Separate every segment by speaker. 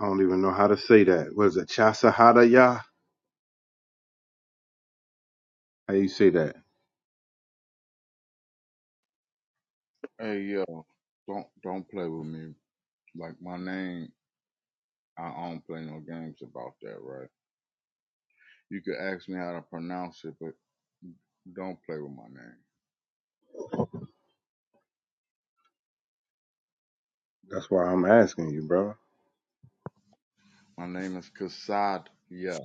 Speaker 1: I don't even know how to say that. What is it? Chasahadaya? How you say that?
Speaker 2: Hey yo, don't don't play with me. Like my name, I don't play no games about that, right? You could ask me how to pronounce it, but don't play with my name.
Speaker 1: That's why I'm asking you, bro.
Speaker 2: My name is Kasadia.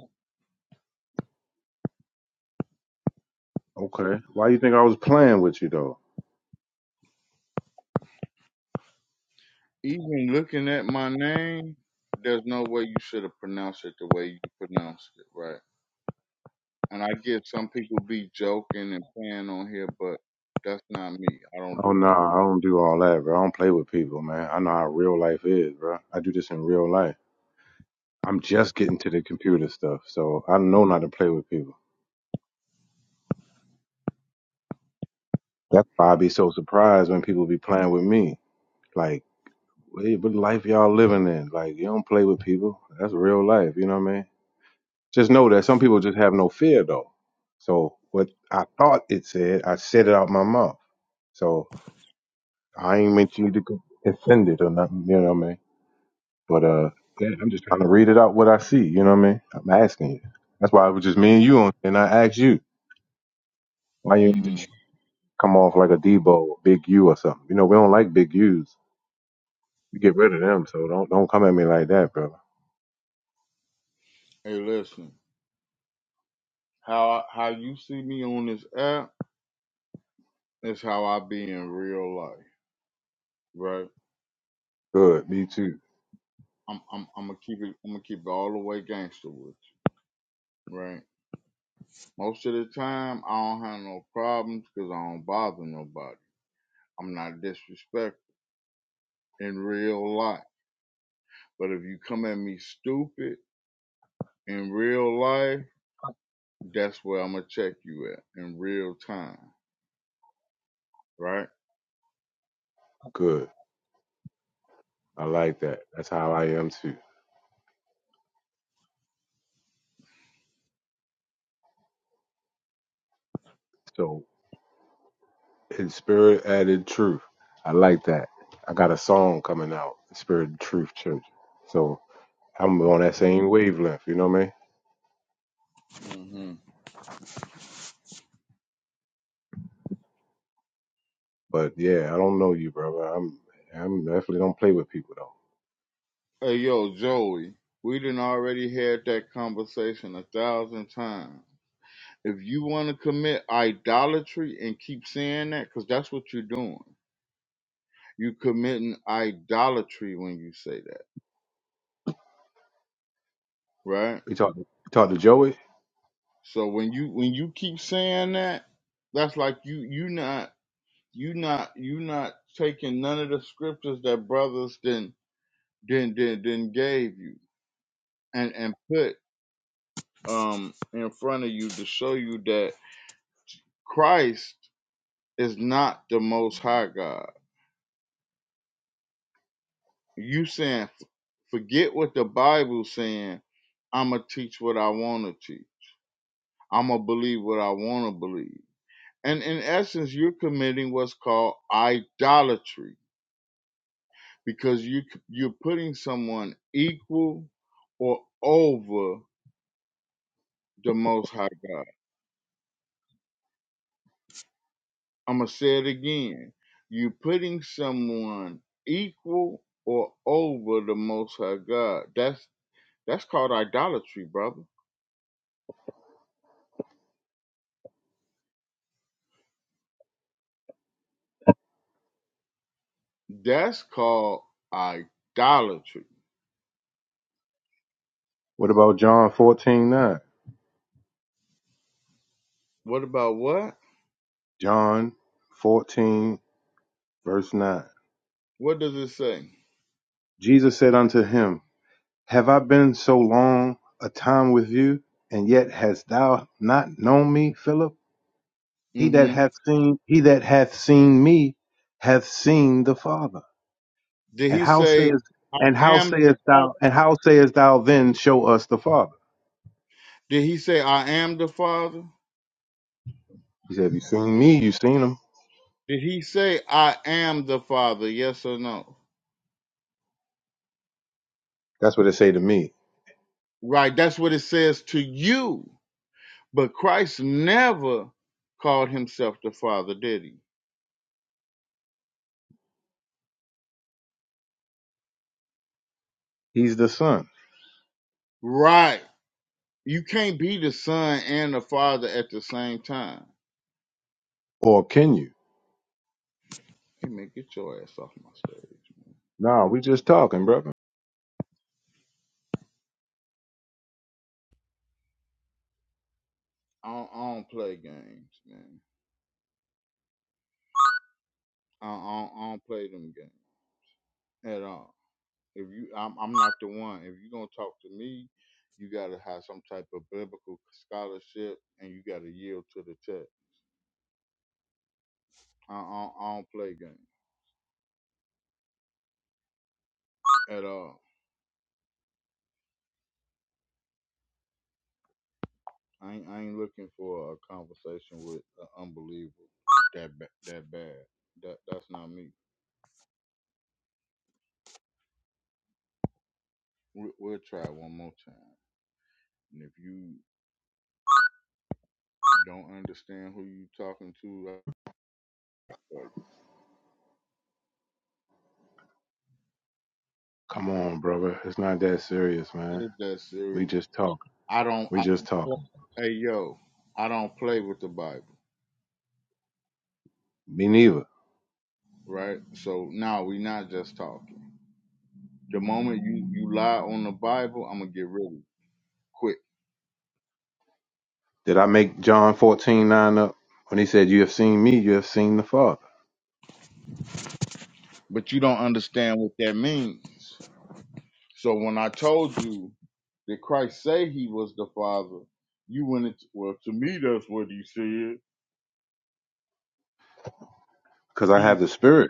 Speaker 1: Okay. Why you think I was playing with you though?
Speaker 2: Even looking at my name, there's no way you should have pronounced it the way you pronounced it, right? And I get some people be joking and playing on here, but that's not me. I don't
Speaker 1: Oh
Speaker 2: do
Speaker 1: no,
Speaker 2: that.
Speaker 1: I don't do all that, bro. I don't play with people, man. I know how real life is, bro. I do this in real life. I'm just getting to the computer stuff, so I know not to play with people. That's why I be so surprised when people be playing with me. Like, hey, what life y'all living in? Like, you don't play with people. That's real life, you know what I mean? Just know that some people just have no fear though. So what I thought it said, I said it out my mouth. So I ain't meant you to get offended or nothing, you know what I mean? But uh yeah, I'm just trying to read it out what I see, you know what I mean? I'm asking you. That's why it was just me and you on and I asked you. Why you
Speaker 2: hmm
Speaker 1: just come off like a Debo or Big U or something? You know, we don't like big U's. We get rid of them, so don't don't come at me like that, brother.
Speaker 2: Hey, listen, how how you see me on this app is how I be in real life. right?
Speaker 1: Good, me
Speaker 2: And
Speaker 1: too.
Speaker 2: I'm I'm I'm gonna keep it I'm gonna keep it all the way gangster with you, right? Most of the time, I don't have no problems because I don't bother nobody. I'm not disrespectful in real life. But if you come at me stupid in real life, that's where I'm gonna check you at in real time, right?
Speaker 1: Good. I like that. That's how I am too. So In spirit and in truth. I like that. I got a song coming out, Spirit and Truth Church. So I'm on that same wavelength, you know what I mean?
Speaker 2: hmm
Speaker 1: But yeah, I don't know you, brother. I'm I'm definitely don't play with people though.
Speaker 2: Hey, yo, Joey, we done already had that conversation a thousand times. If you want to commit idolatry and keep saying that, because that's what you're doing you committing idolatry when you say that right
Speaker 1: We talked we talked to Joey.
Speaker 2: so when you when you keep saying that that's like you you not you not you not taking none of the scriptures that brothers then then then then gave you and and put um in front of you to show you that christ is not the most high god you saying forget what the bible's saying i'ma teach what i want to teach i'ma believe what i want to believe and in essence you're committing what's called idolatry because you you're putting someone equal or over the most high god i'm going to say it again you're putting someone equal or over the most high god that's that's called idolatry brother that's called idolatry
Speaker 1: What about John fourteen nine?
Speaker 2: what about what
Speaker 1: John fourteen verse nine.
Speaker 2: what does it say
Speaker 1: Jesus said unto him, Have I been so long a time with you, and yet hast thou not known me, Philip? He that
Speaker 2: mhm
Speaker 1: hath seen he that hath seen me hath seen the Father.
Speaker 2: did
Speaker 1: And
Speaker 2: he
Speaker 1: how
Speaker 2: say
Speaker 1: says
Speaker 2: i
Speaker 1: and how
Speaker 2: am
Speaker 1: sayest thou and how sayest thou then show us the Father?
Speaker 2: Did he say, I am the Father?
Speaker 1: He said, Have you seen me? You seen him.
Speaker 2: Did he say, I am the Father? Yes or no?
Speaker 1: That's what they say to me.
Speaker 2: Right, that's what it says to you. But Christ never called himself the Father, did he?
Speaker 1: He's the Son.
Speaker 2: Right. You can't be the Son and the Father at the same time.
Speaker 1: Or can you?
Speaker 2: Hey, man, get your ass off my stage.
Speaker 1: Nah, we just talking, brother.
Speaker 2: I don't, I don't play games, man. I don't, I don't I don't play them games at all. If you, I'm, I'm not the one. If you're gonna talk to me, you gotta have some type of biblical scholarship, and you gotta yield to the text. I, I, I don't play games at all. I ain't, I ain't looking for a conversation with an unbeliever that ba- that bad. That that's not me. We, we'll try one more time. And if you don't understand who you talking to, uh,
Speaker 1: Come on, brother. It's not that serious, man.
Speaker 2: yeah, that's
Speaker 1: We
Speaker 2: serious.
Speaker 1: just talking.
Speaker 2: I don't.
Speaker 1: We
Speaker 2: I
Speaker 1: just
Speaker 2: don't
Speaker 1: talking.
Speaker 2: play- hey yo, I don't play with the Bible.
Speaker 1: Me neither.
Speaker 2: right? So now we not just talking. The moment you you lie on the Bible, I'm gonna get rid of you quick.
Speaker 1: Did I make John fourteen nine up when he said, You have seen me, you have seen the Father?
Speaker 2: But you don't understand what that means. So when I told you that Christ say he was the Father, you went into well to me that's what he said.
Speaker 1: Because I
Speaker 2: He
Speaker 1: have the Spirit.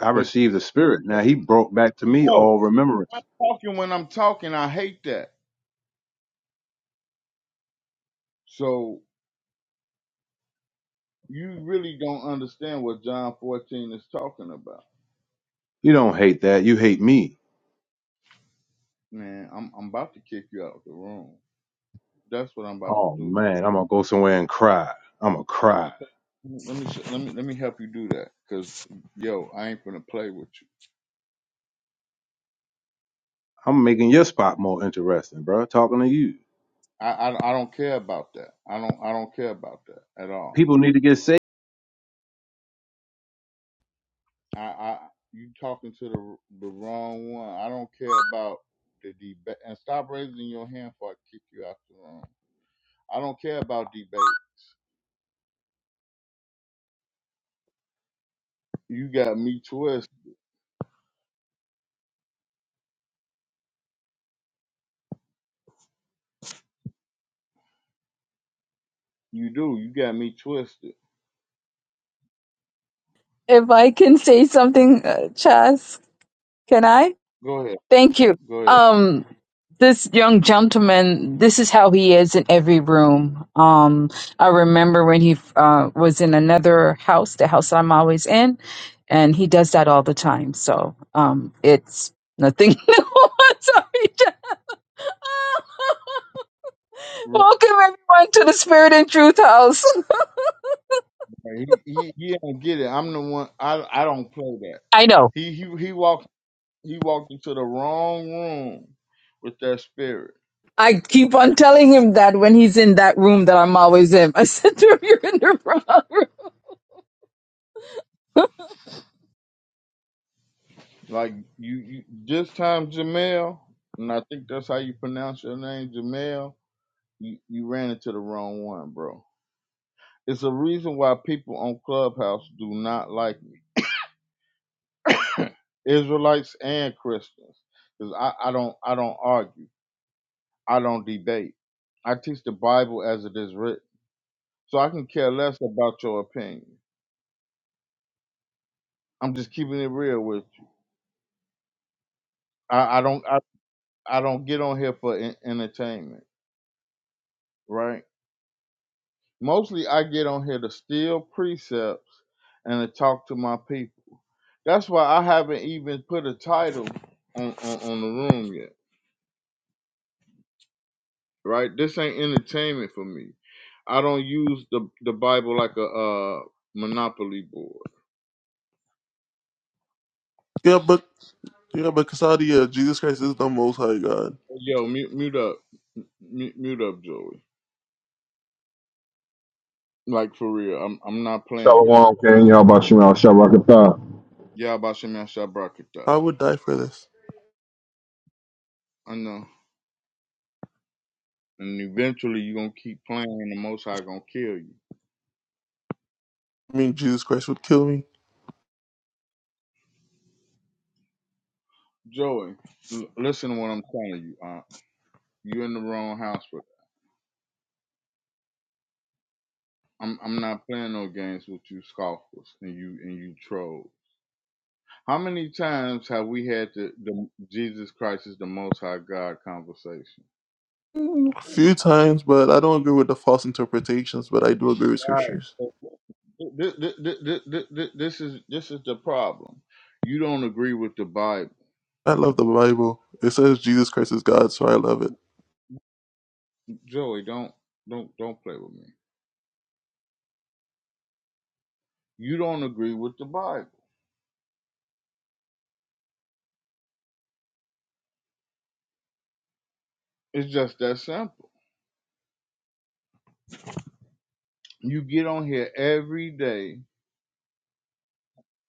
Speaker 1: I
Speaker 2: but
Speaker 1: received the spirit. Now he brought back to me
Speaker 2: yo,
Speaker 1: all
Speaker 2: I'm
Speaker 1: remembrance.
Speaker 2: talking when I'm talking. I hate that. So you really don't understand what John 14 is talking about.
Speaker 1: You don't hate that. You hate me.
Speaker 2: Man, I'm I'm about to kick you out the room. That's what I'm about to
Speaker 1: Oh
Speaker 2: do.
Speaker 1: man, I'm gonna go somewhere and cry. I'm gonna cry.
Speaker 2: Let me s- let me let me help you do that, cause yo, I ain't gonna play with you.
Speaker 1: I'm making your spot more interesting, bro. Talking to you.
Speaker 2: I, I I don't care about that. I don't I don't care about that at all.
Speaker 1: People need to get
Speaker 2: I I you talking to the the wrong one. I don't care about the debate. And stop raising your hand before I kick you out the room. I don't care about debate. You got me twisted. You do. You got me twisted.
Speaker 3: if I can say something, uh, Chas, can I?
Speaker 2: Go ahead.
Speaker 3: Thank you.
Speaker 2: Go ahead.
Speaker 3: Um, this young gentleman, this is how he is in every room. Um, I remember when he uh, was in another house, the house I'm always in, and he does that all the time. So um, it's nothing new. I'm Sorry, Chas.
Speaker 2: Right.
Speaker 3: Welcome everyone to the Spirit and Truth House.
Speaker 2: He, he he don't get it. I'm the one. I I don't play that.
Speaker 3: I know.
Speaker 2: He he he walked. He walked into the wrong room with that spirit.
Speaker 3: I keep on telling him that when he's in that room that I'm always in. I said to him, "You're in the wrong room."
Speaker 2: Like you, you this time, Jamel, and I think that's how you pronounce your name, Jamel. You, you ran into the wrong one, bro. It's a reason why people on Clubhouse do not like me, Israelites and Christians, because I, I don't I don't argue, I don't debate. I teach the Bible as it is written, so I can care less about your opinion. I'm just keeping it real with you. I, I don't. I don't get on here for en- entertainment, right? Mostly I get on here to steal precepts and to talk to my people. That's why I haven't even put a title on, on, on the room yet, right? This ain't entertainment for me. I don't use the the Bible like a uh, monopoly board.
Speaker 4: Yeah, but yeah, but Casadia, Jesus Christ is the Most High God.
Speaker 2: Yo, mute, mute up, M- mute, mute up, Joey. Like for real, I'm I'm not playing with.
Speaker 5: Shalom, King. Y'all about you out. Shabakatah.
Speaker 2: you. Yeah, about Shemya Shabrakata.
Speaker 4: I would die for this.
Speaker 2: I know. and eventually you're gonna keep playing, and the Most High gonna kill you.
Speaker 4: I mean, Jesus Christ would kill me
Speaker 2: Joey, l- listen to what I'm telling you. Uh, you're in the wrong house for that. I'm I'm not playing no games with you scoffers and you and you trolls. How many times have we had the, the Jesus Christ is the Most High God conversation?
Speaker 4: a few times, but I don't agree with the false interpretations. But I do agree with scriptures.
Speaker 2: Right. This, this, this, this is this is the problem. You don't agree with the Bible,
Speaker 4: I love the Bible. It says Jesus Christ is God, so I love it.
Speaker 2: Joey. Don't don't don't play with me. You don't agree with the Bible. It's just that simple. You get on here every day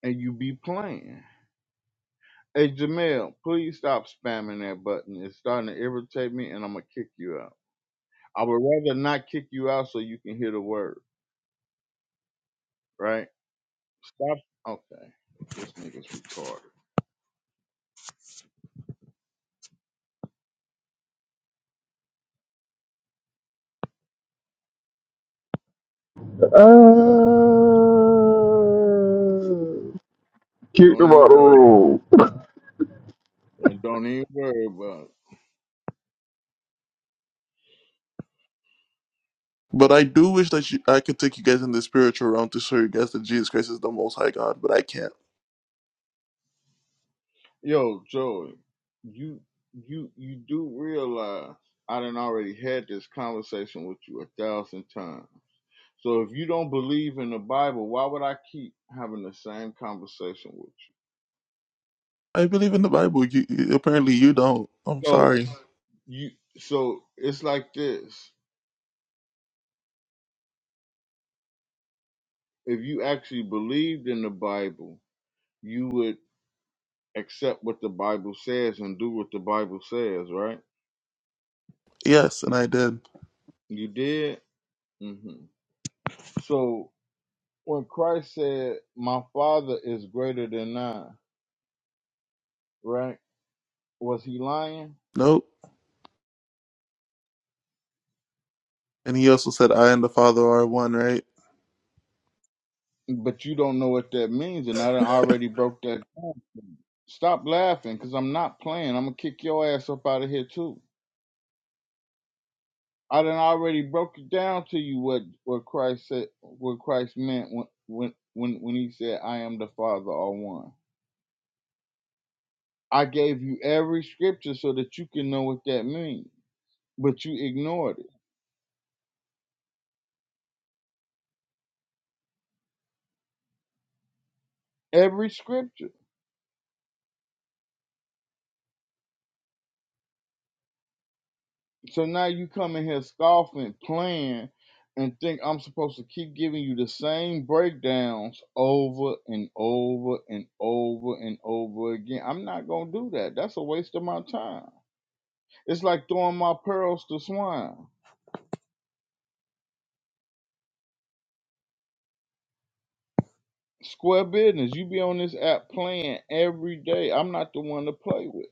Speaker 2: and you be playing. Hey Jamel, please stop spamming that button. It's starting to irritate me and I'm gonna kick you out. I would rather not kick you out so you can hear the word, right? Stop okay. This nigga's retarded.
Speaker 5: Uh, kick
Speaker 2: Don't
Speaker 5: them
Speaker 2: even
Speaker 5: out the
Speaker 2: worry about
Speaker 5: room.
Speaker 2: it. And don't even worry about
Speaker 4: But I do wish that you, I could take you guys in the spiritual realm to show you guys that Jesus Christ is the Most High God, but I can't.
Speaker 2: it. Yo, Joey, you you you do realize I done already had this conversation with you a thousand times. So if you don't believe in the Bible, why would I keep having the same conversation with
Speaker 4: I believe in the Bible. You, you- apparently, you don't. I'm
Speaker 2: you? So
Speaker 4: sorry.
Speaker 2: you so it's like this. If you actually believed in the Bible, you would accept what the Bible says and do what the Bible says, right?
Speaker 4: Yes, and I did.
Speaker 2: You did? hmm So when Christ said, My Father is greater than I, right? Was he lying?
Speaker 4: Nope. And he also said, "I and the Father are one." Right?
Speaker 2: But you don't know what that means, and I done already broke that. Stop laughing, cause I'm not playing. I'm gonna kick your ass up out of here too. I done already broke it down to you what what Christ said, what Christ meant when when when when he said, "I am the Father, all one." I gave you every scripture so that you can know what that means, but you ignored it. Every scripture. So now you come in here scoffing, playing, and think I'm supposed to keep giving you the same breakdowns over and over and over and over again. I'm not gonna do that. That's a waste of my time. It's like throwing my pearls to swine. Square business. You be on this app playing every day. I'm not the one to play with.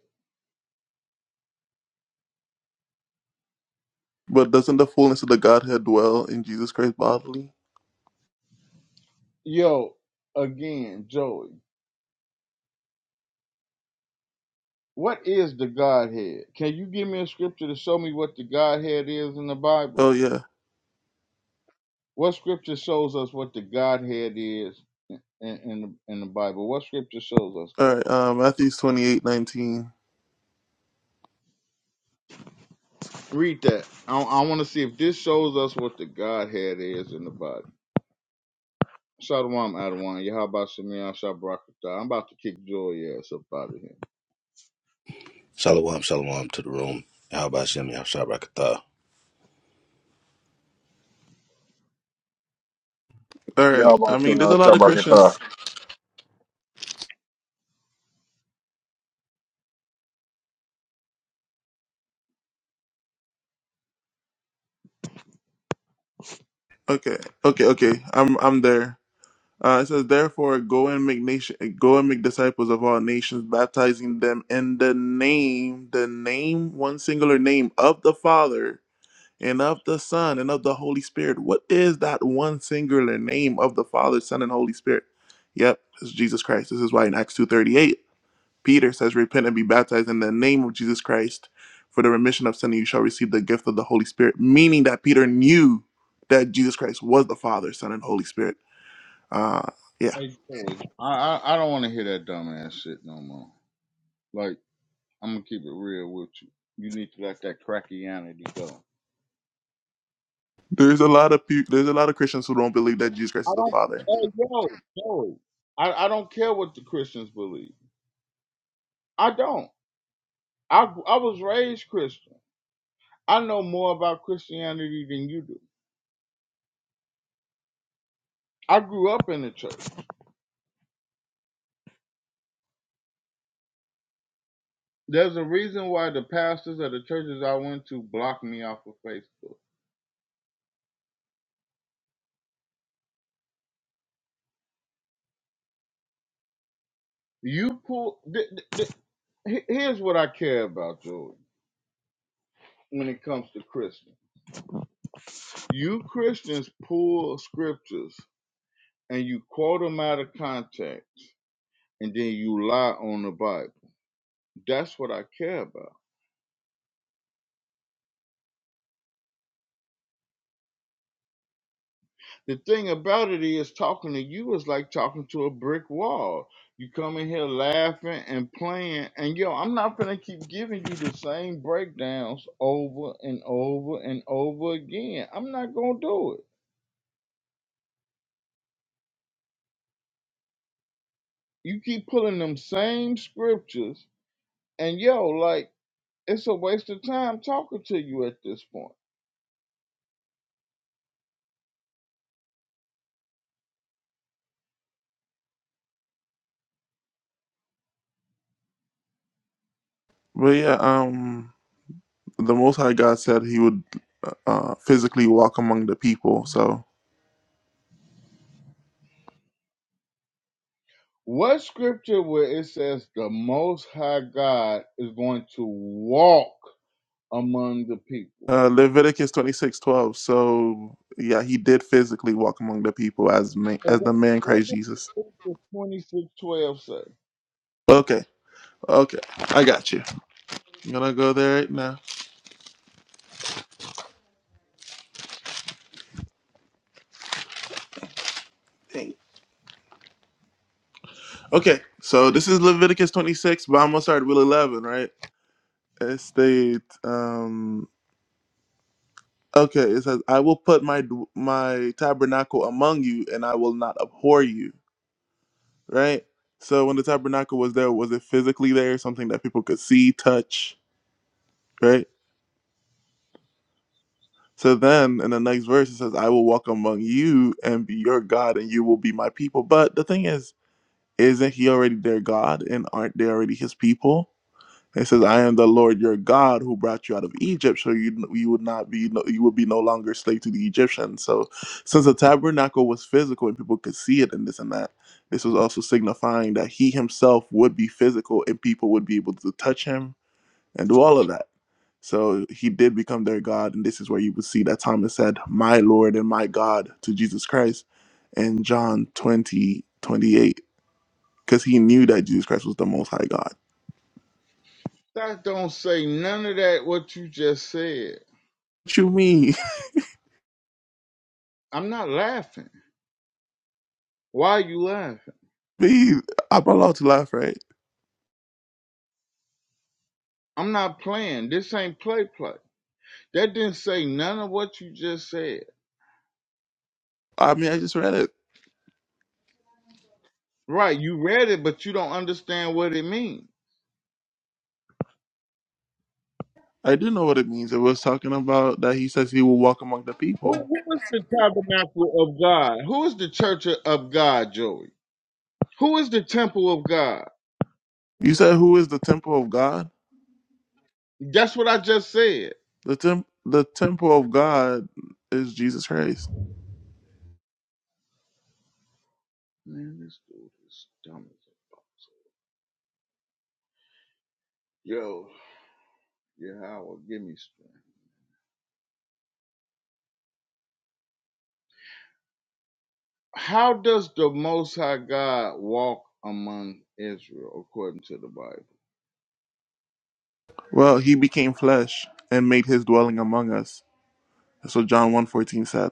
Speaker 4: But doesn't the fullness of the Godhead dwell in Jesus Christ bodily?
Speaker 2: Yo, again, Joey. What is the Godhead? Can you give me a scripture to show me what the Godhead is in the Bible?
Speaker 4: Oh yeah.
Speaker 2: What scripture shows us what the Godhead is in, in the in the Bible? What scripture shows us
Speaker 4: All
Speaker 2: that?
Speaker 4: right. Um, Matthew's twenty eight nineteen.
Speaker 2: Read that. I, I want to see if this shows us what the Godhead is in the Bible. Shalom, Adawan. Yahaba Shemiah Shabrakata. I'm about to kick Joy ass up out of here.
Speaker 6: Shalom, shalom to the room. How about Shem Yahshabrakatah?
Speaker 4: All right.
Speaker 5: Y'all
Speaker 4: I
Speaker 5: about
Speaker 4: mean,
Speaker 5: you
Speaker 4: there's a
Speaker 5: out.
Speaker 4: lot of
Speaker 5: Shabakatah.
Speaker 4: Christians. Okay. Okay. Okay. I'm I'm there. Uh, it says, therefore, go and make nation, go and make disciples of all nations, baptizing them in the name, the name, one singular name of the Father and of the Son and of the Holy Spirit. What is that one singular name of the Father, Son, and Holy Spirit? Yep, it's Jesus Christ. This is why in Acts two thirty eight Peter says, Repent and be baptized in the name of Jesus Christ for the remission of sin, and you shall receive the gift of the Holy Spirit, meaning that Peter knew that Jesus Christ was the Father, Son, and Holy Spirit. Uh, yeah.
Speaker 2: Hey, Joy. I, I, I don't want to hear that dumbass shit no more. Like, I'm going to keep it real with you. You need to let that crackianity go.
Speaker 4: There's a lot of pe- there's a lot of Christians who don't believe that Jesus Christ
Speaker 2: I
Speaker 4: is the
Speaker 2: don't.
Speaker 4: Father.
Speaker 2: Hey, yo, Joey. I, I don't care what the Christians believe. I don't. I I was raised Christian. I know more about Christianity than you do. I grew up in the church. There's a reason why the pastors of the churches I went to blocked me off of Facebook. You pull. Th- th- th- here's what I care about, Jordan. When it comes to Christians, you Christians pull scriptures and you quote them out of context, and then you lie on the Bible. That's what I care about. the thing about it is talking to you is like talking to a brick wall. You come in here laughing and playing, and yo, I'm not gonna keep giving you the same breakdowns over and over and over again. I'm not gonna do it. You keep pulling them same scriptures, and yo, like it's a waste of time talking to you at this point.
Speaker 4: But yeah, um, the Most High God said He would uh, uh, physically walk among the people. So
Speaker 2: What scripture where it says the Most High God is going to walk among the people?
Speaker 4: uh, Leviticus twenty six twelve. So yeah, He did physically walk among the people as man,
Speaker 2: Hey,
Speaker 4: as the
Speaker 2: what,
Speaker 4: man
Speaker 2: what
Speaker 4: Christ Jesus.
Speaker 2: does twenty six twelve say?
Speaker 4: Okay, okay, I got you. I'm gonna go there right now. Dang. Okay, so this is Leviticus 26, but I'm gonna start with 11, right? It states, um, okay, it says, "I will put my dw- my tabernacle among you, and I will not abhor you." Right. So when the tabernacle was there, was it physically there, something that people could see, touch, right? So then in the next verse it says, "I will walk among you and be your God, and you will be my people." But the thing is, isn't He already their God, and aren't they already His people? It says, "I am the Lord your God who brought you out of Egypt, so you you would not be no, you would be no longer slave to the Egyptians." So, since the tabernacle was physical and people could see it and this and that, this was also signifying that He Himself would be physical and people would be able to touch Him and do all of that. So He did become their God, and this is where you would see that Thomas said, "My Lord and my God" to Jesus Christ in John twenty twenty eight, because he knew that Jesus Christ was the Most High God.
Speaker 2: That don't say none of that what you just said.
Speaker 4: What you mean?
Speaker 2: I'm not laughing. Why are you laughing?
Speaker 4: Me, I'm allowed to laugh, right?
Speaker 2: I'm not playing. This ain't play play. That didn't say none of what you just said.
Speaker 4: I mean, I just read it.
Speaker 2: Right, you read it, but you don't understand what it means.
Speaker 4: I do know what it means. It was talking about that he says he will walk among the people.
Speaker 2: Who, who is the tabernacle of God? Who is the church of God, Joey? Who is the temple of God?
Speaker 4: You said, "Who is the temple of God?"
Speaker 2: That's what I just said.
Speaker 4: The temp, the temple of God is Jesus Christ.
Speaker 2: Man, this dude is dumb. as- hell. Yo, Yahweh, give me strength. How does the Most High God walk among Israel according to the Bible?
Speaker 4: Well, he became flesh and made his dwelling among us. That's what John 1.14 said.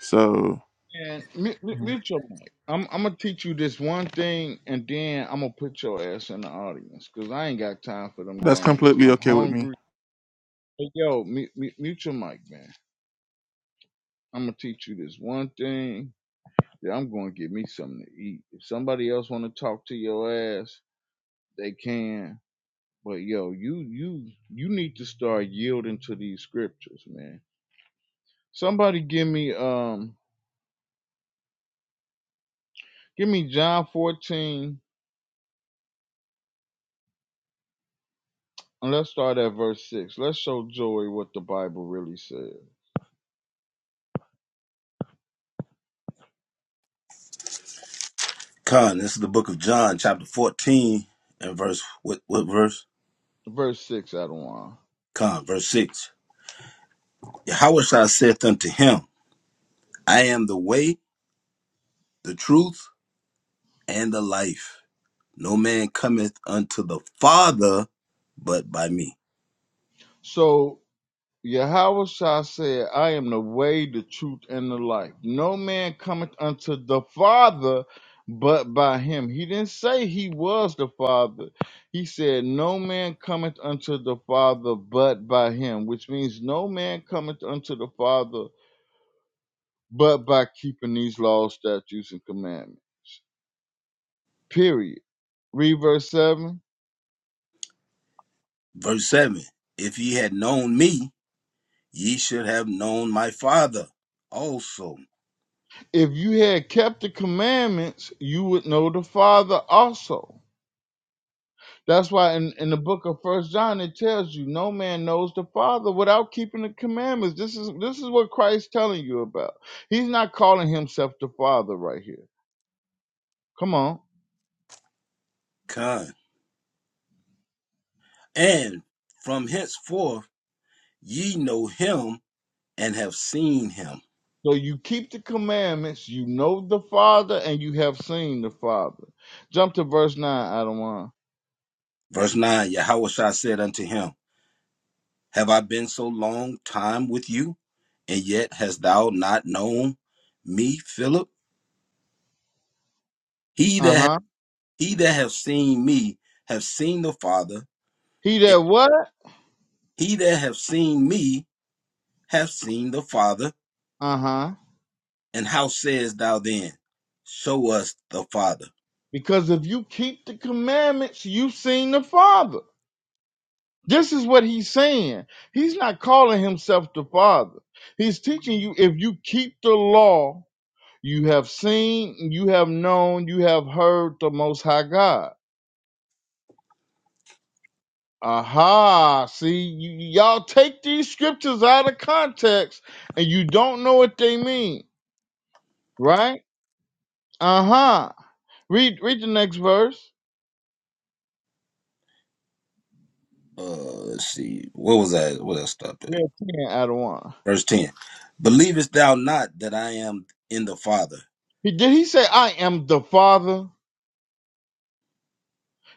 Speaker 4: So
Speaker 2: And mute, mute your mic. I'm, I'm gonna teach you this one thing, and then I'm gonna put your ass in the audience because I ain't got time for them
Speaker 4: that's
Speaker 2: games.
Speaker 4: completely
Speaker 2: I'm
Speaker 4: okay with me.
Speaker 2: hungry. Hey, yo, mute, mute, mute your mic, man. I'm gonna teach you this one thing. That I'm gonna get me something to eat. If somebody else wanna talk to your ass, they can. But yo, you you you need to start yielding to these scriptures, man. Somebody give me um give me John 14 and let's start at verse 6. Let's show Joey what the Bible really says.
Speaker 6: Khan, this is the book of John, chapter 14, and verse, what, what verse?
Speaker 2: Verse 6 out of
Speaker 6: Khan, verse 6. Yahweh Shah saith unto him, I am the way, the truth, and the life. No man cometh unto the Father but by me.
Speaker 2: one. Yahweh Shah said, I am the way, the truth, and the life. No man cometh unto the Father but by him. He didn't say he was the Father. He said, No man cometh unto the Father but by him, which means no man cometh unto the Father but by keeping these laws, statutes, and commandments. Period. Read verse 7.
Speaker 6: Verse 7. If ye had known me, ye should have known my Father also.
Speaker 2: If you had kept the commandments, you would know the Father also. That's why in, in the book of First John it tells you no man knows the Father without keeping the commandments. This is this is what Christ's telling you about. He's not calling himself the Father right here. Come on.
Speaker 6: Khan. And from henceforth ye know him and have seen him.
Speaker 2: So you keep the commandments, you know the Father, and you have seen the Father. Jump to verse nine, Adam one.
Speaker 6: Verse 9 Yahushua said unto him, Have I been so long time with you, and yet hast thou not known me, Philip? He that ha-
Speaker 2: Uh-huh.
Speaker 6: he that have seen me have seen the Father,
Speaker 2: He
Speaker 6: and
Speaker 2: that what?
Speaker 6: he that have seen me have seen the Father.
Speaker 2: Uh-huh.
Speaker 6: And how sayest thou then, Show us the Father?
Speaker 2: Because if you keep the commandments, you've seen the Father. This is what he's saying. He's not calling himself the Father. He's teaching you if you keep the law, you have seen, you have known, you have heard the Most High God. Aha, see, you, y'all take these scriptures out of context and you don't know what they mean, right? Uh huh. Read, read the next verse.
Speaker 6: Uh, let's see. What was that? What I stopped
Speaker 2: Yeah,
Speaker 6: at?
Speaker 2: 10 out of 1.
Speaker 6: Verse 10. Believest thou not that I am in the Father,
Speaker 2: He- Did he say, I am the Father?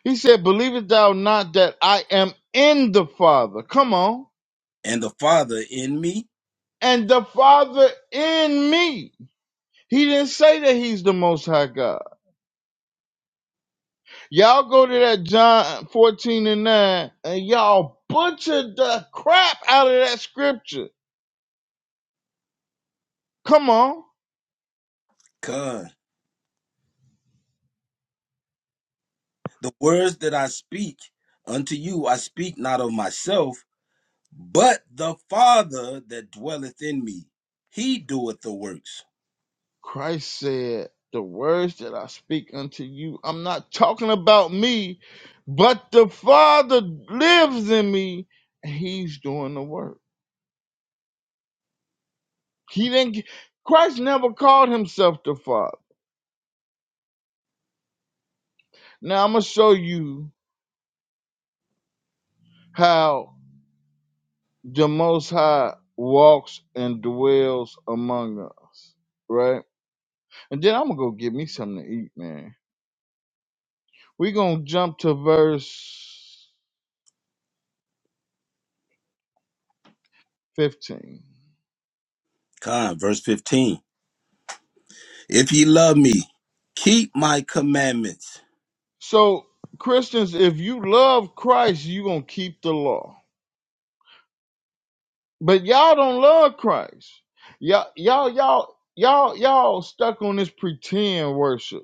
Speaker 2: He said, Believest thou not that I am in the Father? Come on.
Speaker 6: and the Father in me?
Speaker 2: And the Father in me. He didn't say that he's the most high God. Y'all go to that John 14 and 9 and y'all butchered the crap out of that scripture. Come on.
Speaker 6: God, the words that I speak unto you, I speak not of myself, but the Father that dwelleth in me, he doeth the works.
Speaker 2: Christ said, The words that I speak unto you, I'm not talking about me, but the Father lives in me and he's doing the work. He didn't. Christ never called himself the Father. Now I'm gonna show you how the Most High walks and dwells among us, right? And then I'm gonna go get me something to eat, man. We're gonna jump to verse 15.
Speaker 6: God, verse 15. If ye love me, keep my commandments.
Speaker 2: So Christians, if you love Christ, you gonna keep the law. But y'all don't love Christ. Y'all, y'all, y'all, y'all, y'all stuck on this pretend worship.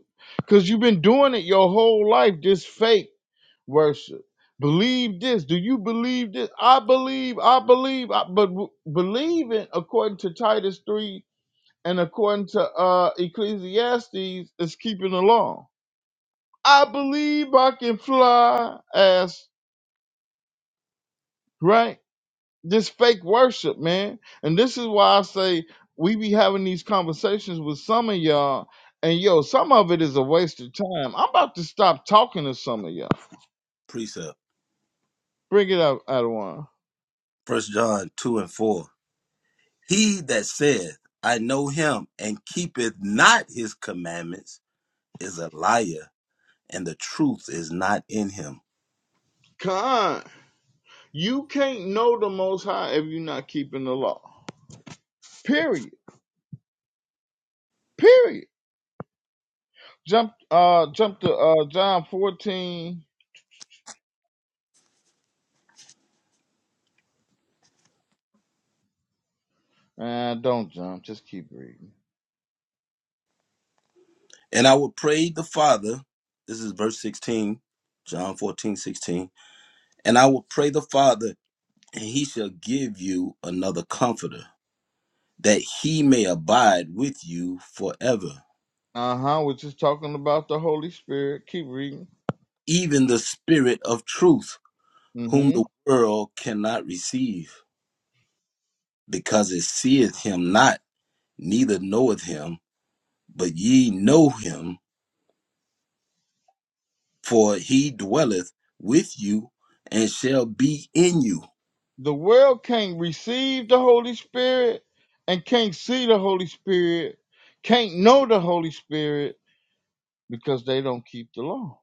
Speaker 2: Cause you've been doing it your whole life, this fake worship. Believe this. Do you believe this? I believe, I believe, I, but w- believing according to Titus 3 and according to uh Ecclesiastes is keeping the law. I believe I can fly as right? This fake worship, man. And this is why I say we be having these conversations with some of y'all, and yo, some of it is a waste of time. I'm about to stop talking to some of y'all.
Speaker 6: Precept.
Speaker 2: Bring it up, Adawan.
Speaker 6: First John 2 and 4. He that saith, I know him, and keepeth not his commandments, is a liar, and the truth is not in him.
Speaker 2: Con, you can't know the Most High if you're not keeping the law. Period. Period. Jump. Uh, jump to uh John 14. Uh, don't jump. Just keep reading.
Speaker 6: And I will pray the Father. This is verse 16, John 14 16. And I will pray the Father, and he shall give you another comforter, that he may abide with you forever,
Speaker 2: Uh huh. We're just talking about the Holy Spirit. Keep reading.
Speaker 6: even the Spirit of truth, whom
Speaker 2: Mm-hmm.
Speaker 6: the world cannot receive, because it seeth him not, neither knoweth him. But ye know him, for he dwelleth with you and shall be in you.
Speaker 2: The world can't receive the Holy Spirit and can't see the Holy Spirit, can't know the Holy Spirit because they don't keep the law.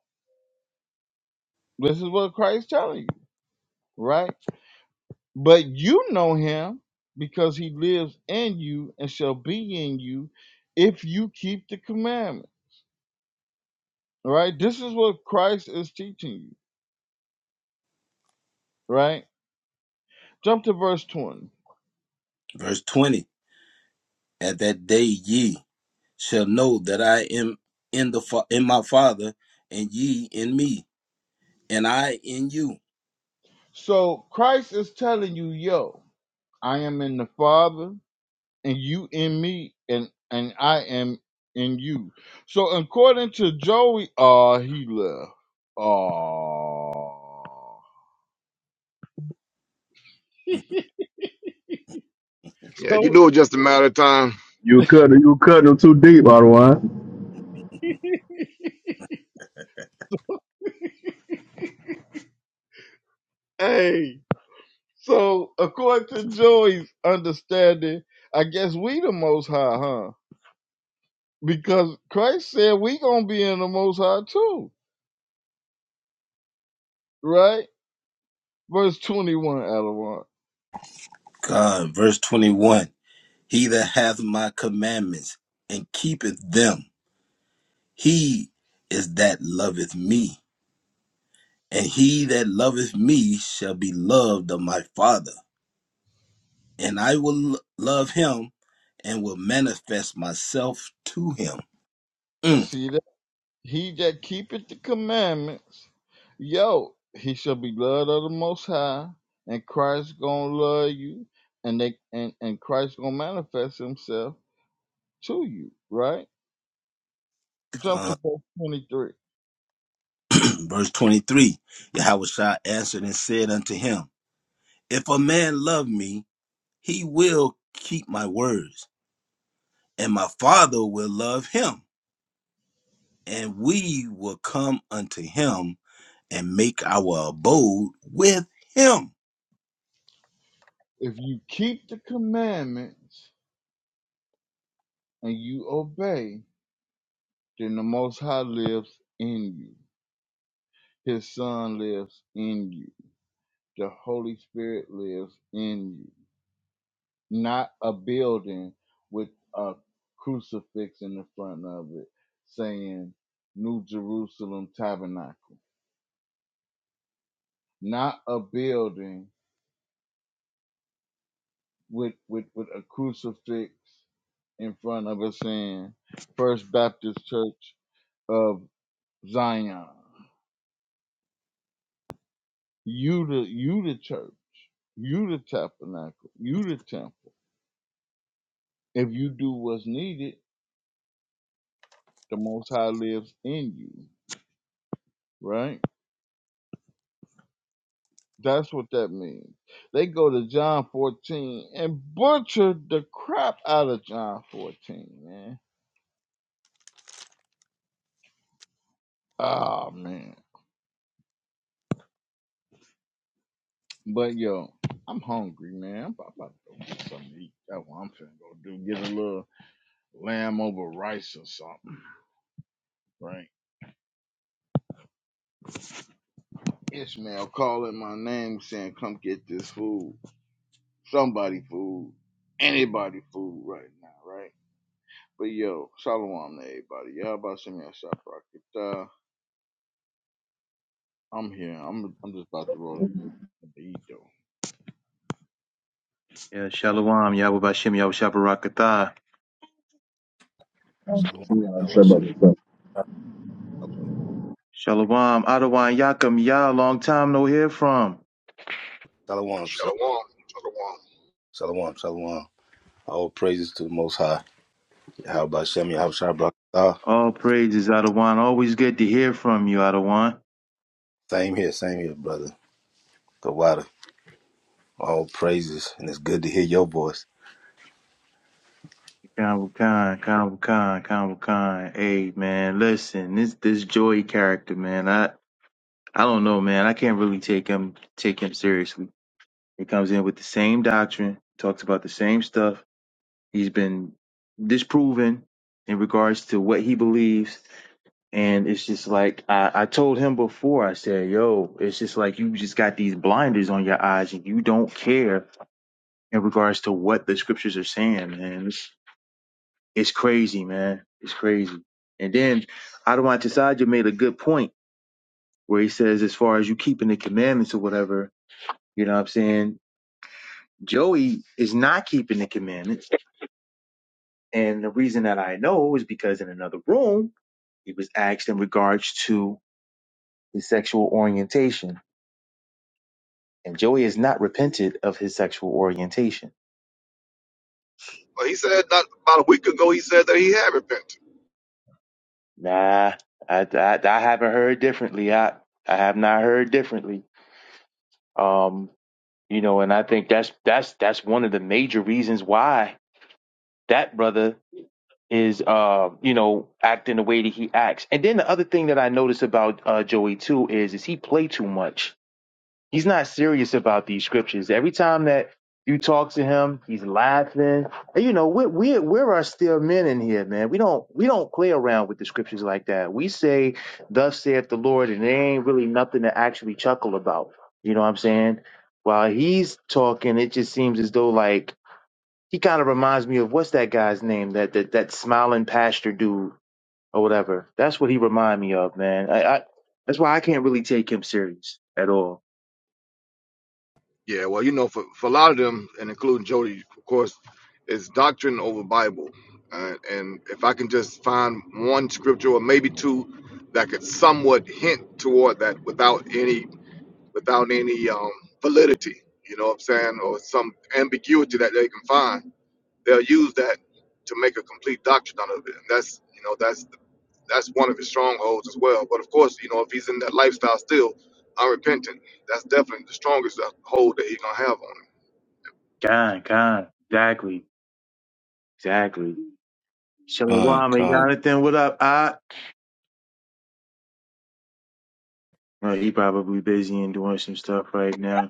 Speaker 2: This is what Christ is telling you, right? But you know him because he lives in you and shall be in you if you keep the commandment, right? This is what Christ is teaching you, right? Jump to verse 20.
Speaker 6: Verse 20. At that day ye shall know that I am in the fa- in my Father, and ye in me, and I in you.
Speaker 2: So Christ is telling you, yo, I am in the Father and you in me and and I am in you. So according to Joey, uh he left. Uh
Speaker 7: Yeah, you
Speaker 2: so
Speaker 7: knew it was just a matter of time.
Speaker 5: You cut You cut them too deep, otherwise.
Speaker 2: hey, so according to Joey's understanding, I guess we the most high, huh? Because Christ said we gonna be in the most high too, right? Verse twenty one, Alawar.
Speaker 6: God, verse twenty one. He that hath my commandments and keepeth them, he is that loveth me, and he that loveth me shall be loved of my Father, and I will lo- love him, and will manifest myself to him. Mm.
Speaker 2: See that? He that keepeth the commandments, yo, he shall be loved of the Most High, and Christ gonna love you, and they and and Christ gonna manifest Himself to you. Right? Jump to
Speaker 6: Uh,
Speaker 2: verse twenty three.
Speaker 6: verse twenty three. Yahweh Shah answered and said unto him, If a man love me He will keep my words, and my Father will love him, and we will come unto him and make our abode with him.
Speaker 2: If you keep the commandments and you obey, then the Most High lives in you. His Son lives in you. The Holy Spirit lives in you. not a building with a crucifix in the front of it saying New Jerusalem Tabernacle. Not a building with with, with a crucifix in front of it saying First Baptist Church of Zion. You the you the church. You the tabernacle. You the temple. If you do what's needed, the most high lives in you, right? That's what that means. They go to John 14 and butchered the crap out of John 14, man. Oh man. But yo, I'm hungry, man. I'm about to go get something to eat. That's what I'm finna go do. Get a little lamb over rice or something, right? Ishmael calling my name saying, come get this food. Somebody food. Anybody food right now, right? But yo, shalom to everybody. Y'all about to send me a shot rocket. Uh, I'm here. I'm I'm just about to roll up and get something to eat though.
Speaker 8: Yeah, Shalom, Yahweh Bashem, Yahweh Shabarakatah.
Speaker 6: Shalom. Yahweh Shem.
Speaker 5: Shabakatah.
Speaker 8: Shalom, Adawan Yakum Yah, long time no hear from.
Speaker 6: Shalom. Shalom.
Speaker 7: Shalom, shalom.
Speaker 6: Shalom. Shalom. All praises to the Most High. How about Shem? How about Ah,
Speaker 8: All praises, Adawan. Always good to hear from you, Adawan.
Speaker 6: Same here. Same here, brother. The water. All praises, and it's good to hear your voice.
Speaker 8: Khan Khan, Khan Khan, Khan Khan. Hey, man, listen, this this Joy character, man, I I don't know, man. I can't really take him take him seriously. He comes in with the same doctrine, talks about the same stuff. He's been disproven in regards to what he believes And it's just like I, I told him before, I said, yo, it's just like you just got these blinders on your eyes and you don't care in regards to what the scriptures are saying, man. It's, it's crazy, man. It's crazy. And then Adonai Tisaja made a good point where he says, as far as you keeping the commandments or whatever, you know what I'm saying? Joey is not keeping the commandments. And the reason that I know is because in another room, he was asked in regards to his sexual orientation And Joey has not repented of his sexual orientation.
Speaker 7: But he said that about a week ago, he said that he had repented.
Speaker 8: Nah, I, I, I haven't heard differently. I, I have not heard differently. Um, you know, and I think that's that's that's one of the major reasons why that brother is uh, you know, acting the way that he acts. And then the other thing that I notice about uh Joey too is is he play too much He's not serious about these scriptures. Every time that you talk to him, he's laughing. And you know, we're we're we're our still men in here, man. We don't we don't play around with the scriptures like that. We say, Thus saith the Lord, and there ain't really nothing to actually chuckle about. You know what I'm saying? While he's talking, it just seems as though like he kind of reminds me of what's that guy's name? That that that smiling pastor dude or whatever. That's what he remind me of, man. I, I that's why I can't really take him serious at all.
Speaker 7: Yeah, well, you know, for, for a lot of them, and including Jody, of course, it's doctrine over Bible. Uh, and if I can just find one scripture or maybe two that could somewhat hint toward that without any without any um, validity, you know what I'm saying, or some ambiguity that they can find they'll use that to make a complete doctrine out of it. And that's you know that's that's one of his strongholds as well. But of course, you know if he's in that lifestyle still unrepentant, that's definitely the strongest uh, hold that he's gonna have on him.
Speaker 8: God, God, exactly, exactly.
Speaker 6: Con,
Speaker 8: Shalom, hey,
Speaker 6: con,
Speaker 8: Jonathan, what up? I well, he probably busy and doing some stuff right now.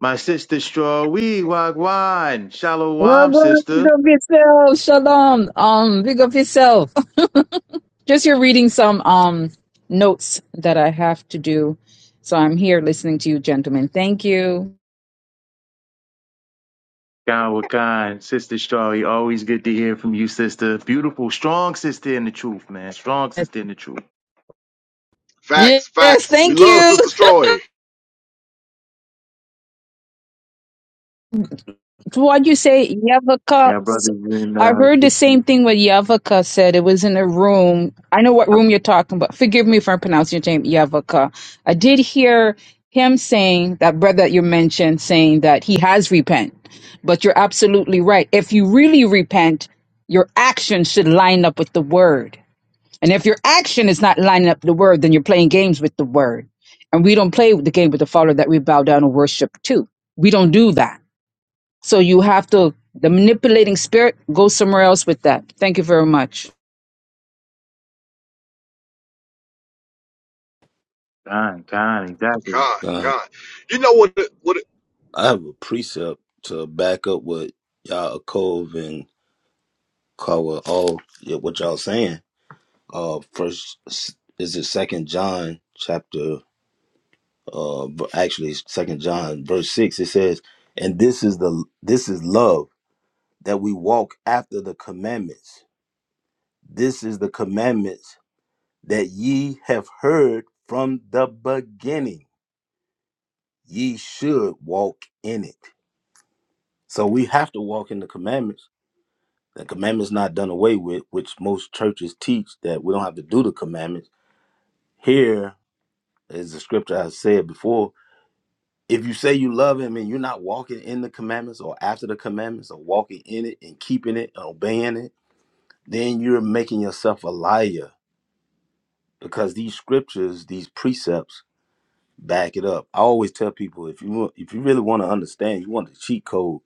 Speaker 8: My sister Straw, we wagwan.
Speaker 3: Well
Speaker 8: Shalom,
Speaker 3: done, big
Speaker 8: sister.
Speaker 3: up yourself. Shalom. Um, big up yourself. Just here reading some um notes that I have to do. So I'm here listening to you, gentlemen. Thank you.
Speaker 8: God, what kind, sister Straw? You always good to hear from you, sister. Beautiful, strong sister in the truth, man. Strong sister in the truth.
Speaker 7: Facts,
Speaker 3: Yes,
Speaker 7: facts. We
Speaker 3: thank
Speaker 7: love
Speaker 3: you.
Speaker 7: Sister Stroy.
Speaker 3: What you say Yavaka?
Speaker 8: Yeah,
Speaker 3: s-
Speaker 8: brothers and
Speaker 3: I
Speaker 8: uh,
Speaker 3: heard the same
Speaker 8: sisters.
Speaker 3: thing what Yavaka said. It was in a room. I know what room you're talking about. Forgive me if I'm pronouncing your name Yavaka. I did hear him saying that brother that you mentioned saying that he has repent. But you're absolutely right. If you really repent, your action should line up with the word. And if your action is not lining up with the word, then you're playing games with the word. And we don't play with the game with the Father that we bow down and worship to. We don't do that. So you have to, the manipulating spirit, go somewhere else with that. Thank you very much.
Speaker 8: Kind, kind, exactly.
Speaker 7: God,
Speaker 6: con.
Speaker 7: God, you know what? What
Speaker 6: I have a precept to back up what Yaakov and Cover all yeah, what y'all saying? Uh, first is it Second John chapter? Uh, v- actually, Second John verse six. It says, "And this is the this is love that we walk after the commandments. This is the commandments that ye have heard from the beginning. Ye should walk in it." So we have to walk in the commandments. The commandments not done away with, which most churches teach that we don't have to do the commandments. Here As the scripture I said before, if you say you love him and you're not walking in the commandments or after the commandments or walking in it and keeping it and obeying it, then you're making yourself a liar because these scriptures, these precepts back it up. I always tell people if you want- if you really want to understand, you want the cheat code,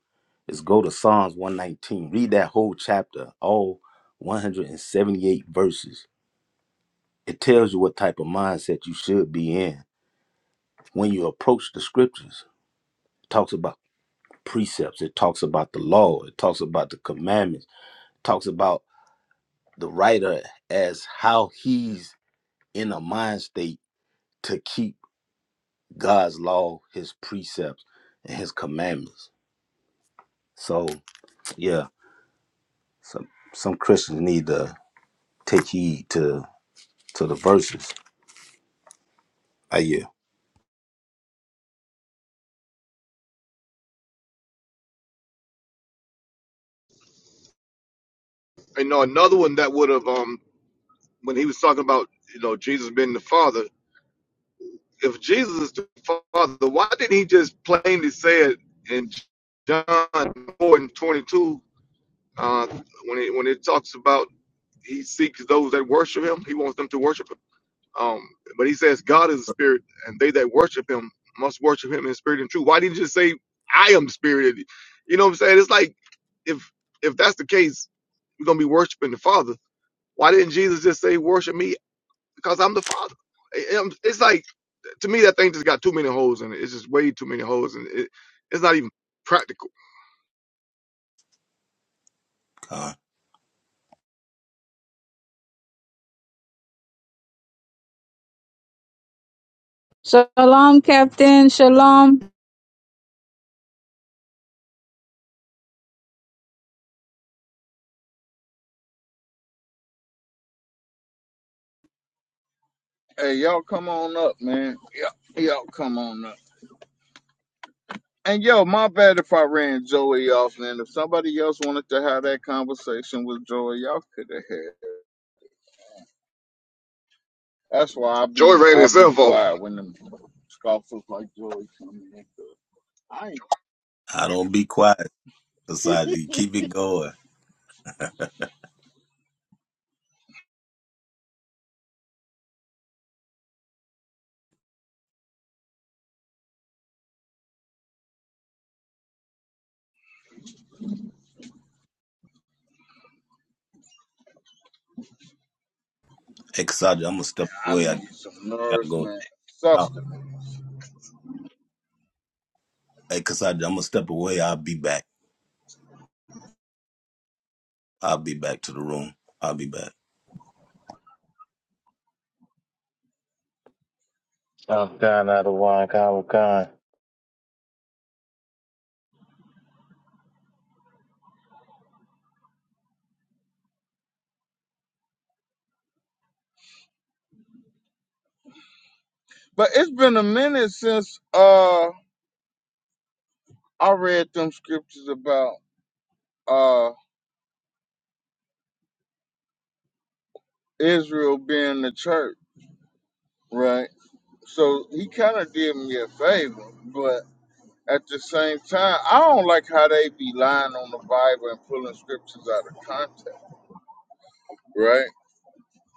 Speaker 6: is go to Psalms 119. Read that whole chapter, all 178 verses. It tells you what type of mindset you should be in when you approach the scriptures It Talks about. precepts. It talks about the law. It talks about the commandments. It talks about the writer as how he's in a mind state to keep God's law, his precepts, and his commandments. So yeah, some some Christians need to take heed to to the verses. I yeah.
Speaker 7: you know another one that would have um when he was talking about you know Jesus being the Father. If Jesus is the Father, why didn't he just plainly say it in John four and twenty two? Uh, when it when it talks about he seeks those that worship him, he wants them to worship him. Um, but he says God is a spirit, and they that worship him must worship him in spirit and truth. Why didn't you just say I am spirited? You know what I'm saying? It's like if if that's the case, we're gonna be worshiping the Father. Why didn't Jesus just say worship me because I'm the Father? I- i It's like to me that thing just got too many holes in it. It's just way too many holes, and it, it's not even practical.
Speaker 6: Con.
Speaker 3: Shalom, Captain. Shalom.
Speaker 2: Hey, y'all come on up, man. Y'all, y'all come on up. And yo, my bad if I ran Joey off, man. If somebody else wanted to have that conversation with Joey, y'all could have had. it. That's why I
Speaker 7: Joy
Speaker 2: be
Speaker 7: ran
Speaker 2: I be
Speaker 7: himself off.
Speaker 2: quiet when them scoffers like Joey come in. 'cause I
Speaker 6: I don't be quiet, Kasaji. Keep it going. Hey, Kasaji, I'm gonna step
Speaker 2: I
Speaker 6: away. I
Speaker 2: need some
Speaker 6: gotta go
Speaker 2: nourishment,
Speaker 6: out.
Speaker 2: sustenance.
Speaker 6: Hey, Kasaji, I'm gonna step away. I'll be back. I'll be back to the room. I'll be back.
Speaker 8: Oh, kind out of wine, kind, what kind.
Speaker 2: But it's been a minute since uh I read them scriptures about uh Israel being the church. Right. So he kind of did me a favor, but at the same time, I don't like how they be lying on the Bible and pulling scriptures out of context. Right.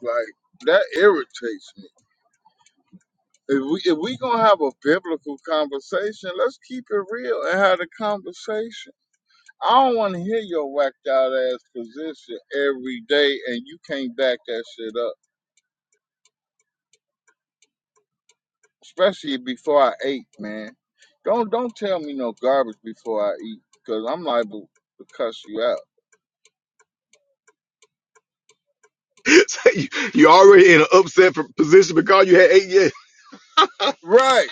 Speaker 2: Like that irritates me. If we if we gonna have a biblical conversation, let's keep it real and have a conversation. I don't want to hear your whacked out ass position every day, and you can't back that shit up. especially before I ate, man. Don't don't tell me no garbage before I eat, cause I'm liable to cuss you out.
Speaker 7: So you, you already in an upset for- position because you had eight years.
Speaker 2: Right,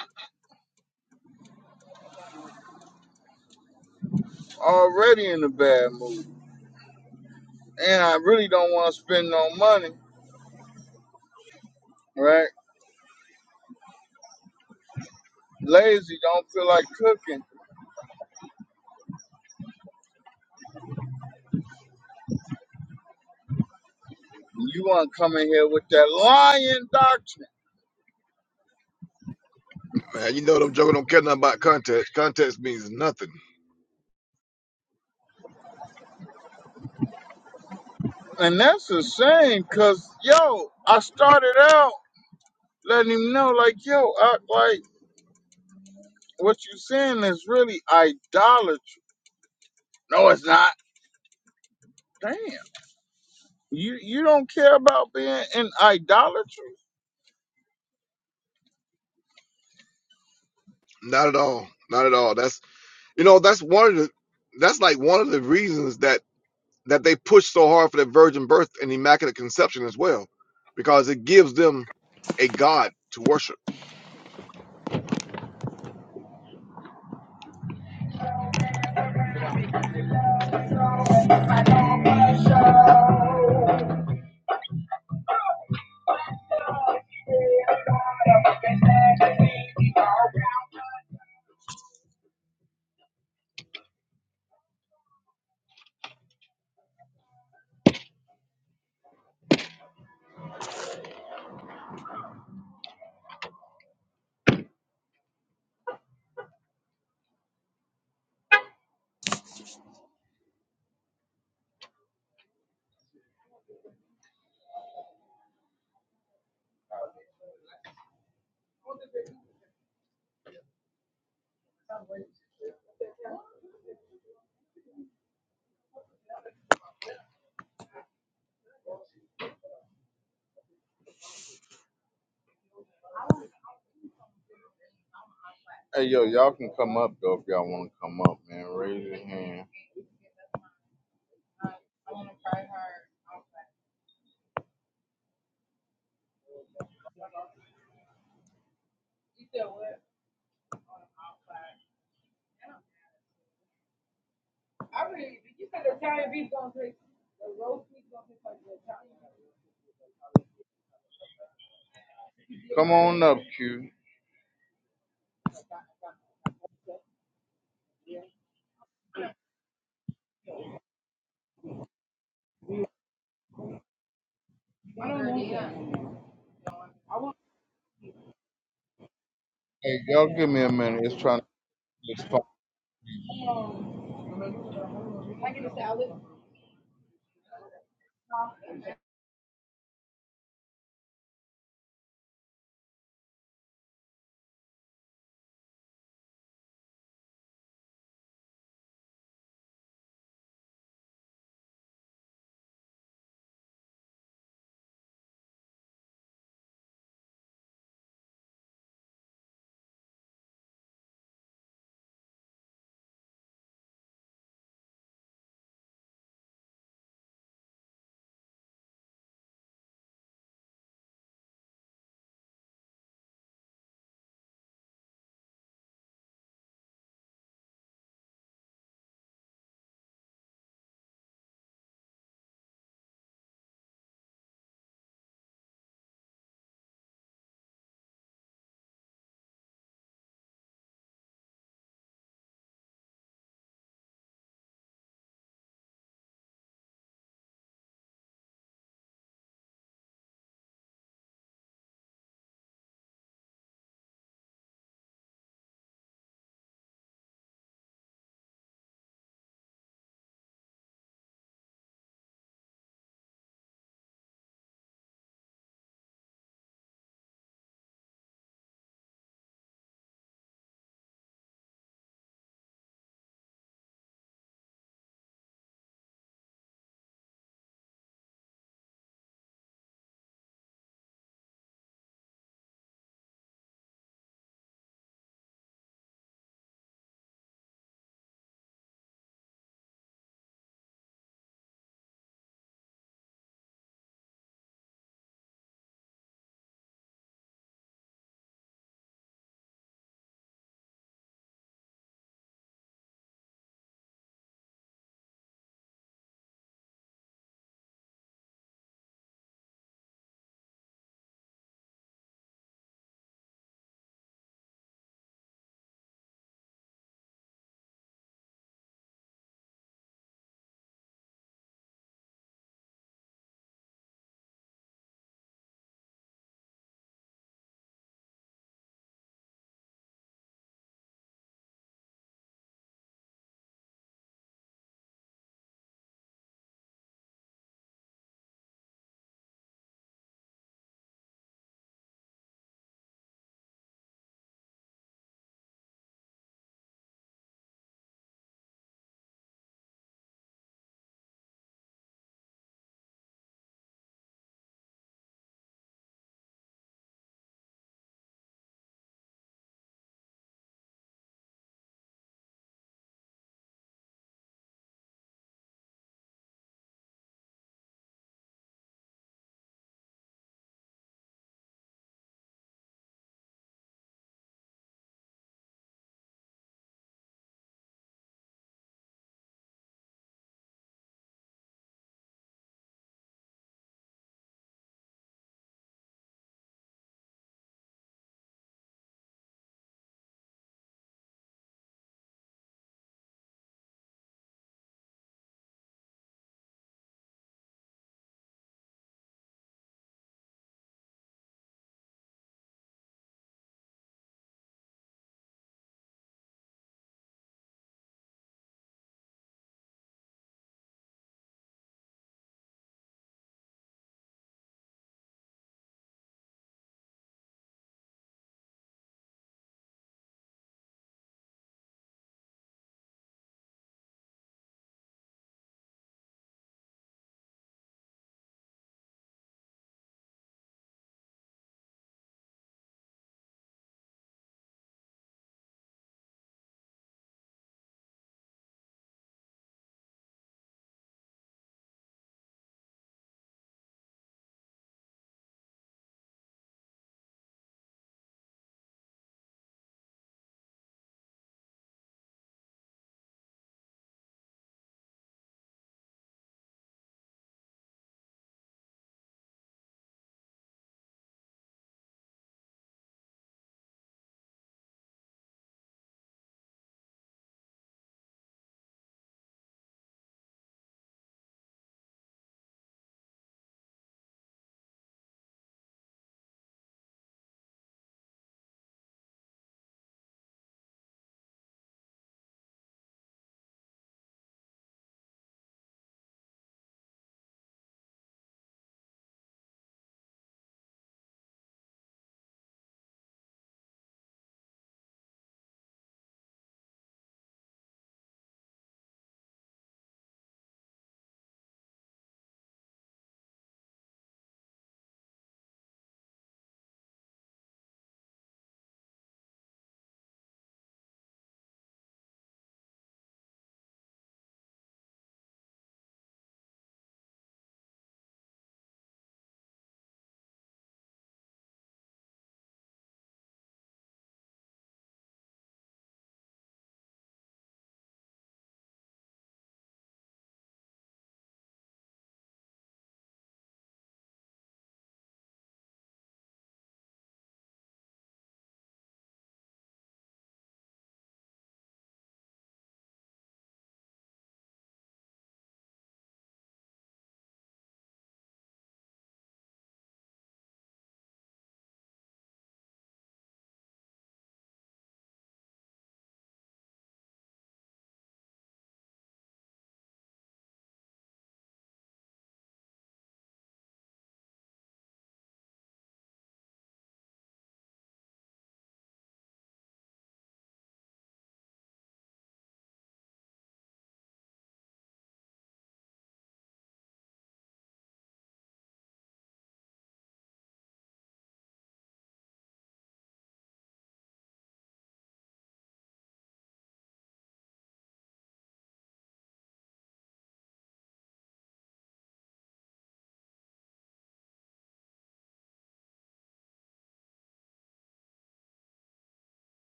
Speaker 2: already in a bad mood, and I really don't want to spend no money. Right, lazy, don't feel like cooking. You want to come in here with that lying doctrine,
Speaker 7: Man, you know them jokers don't care nothing about context. Context means nothing.
Speaker 2: and that's a shame, cause yo, I started out letting him know, like yo, I, like what you saying is really idolatry. No, it's not. Damn. You you don't care about being in idolatry.
Speaker 7: Not at all. Not at all. That's you know that's one of the that's like one of the reasons that that they push so hard for the virgin birth and immaculate conception as well, because it gives them a God to worship.
Speaker 2: Hey yo, y'all can come up though if y'all want to come up, man. Raise your hand. Come on up, Q. Hey, y'all give me a minute. It's trying to this phone.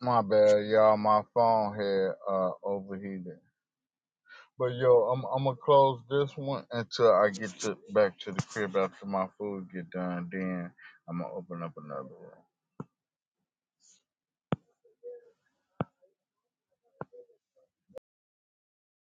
Speaker 2: My bad, y'all. My phone had uh overheated. But yo, I'm I'm gonna close this one until I get to back to the crib after my food get done. Then I'm gonna open up another one.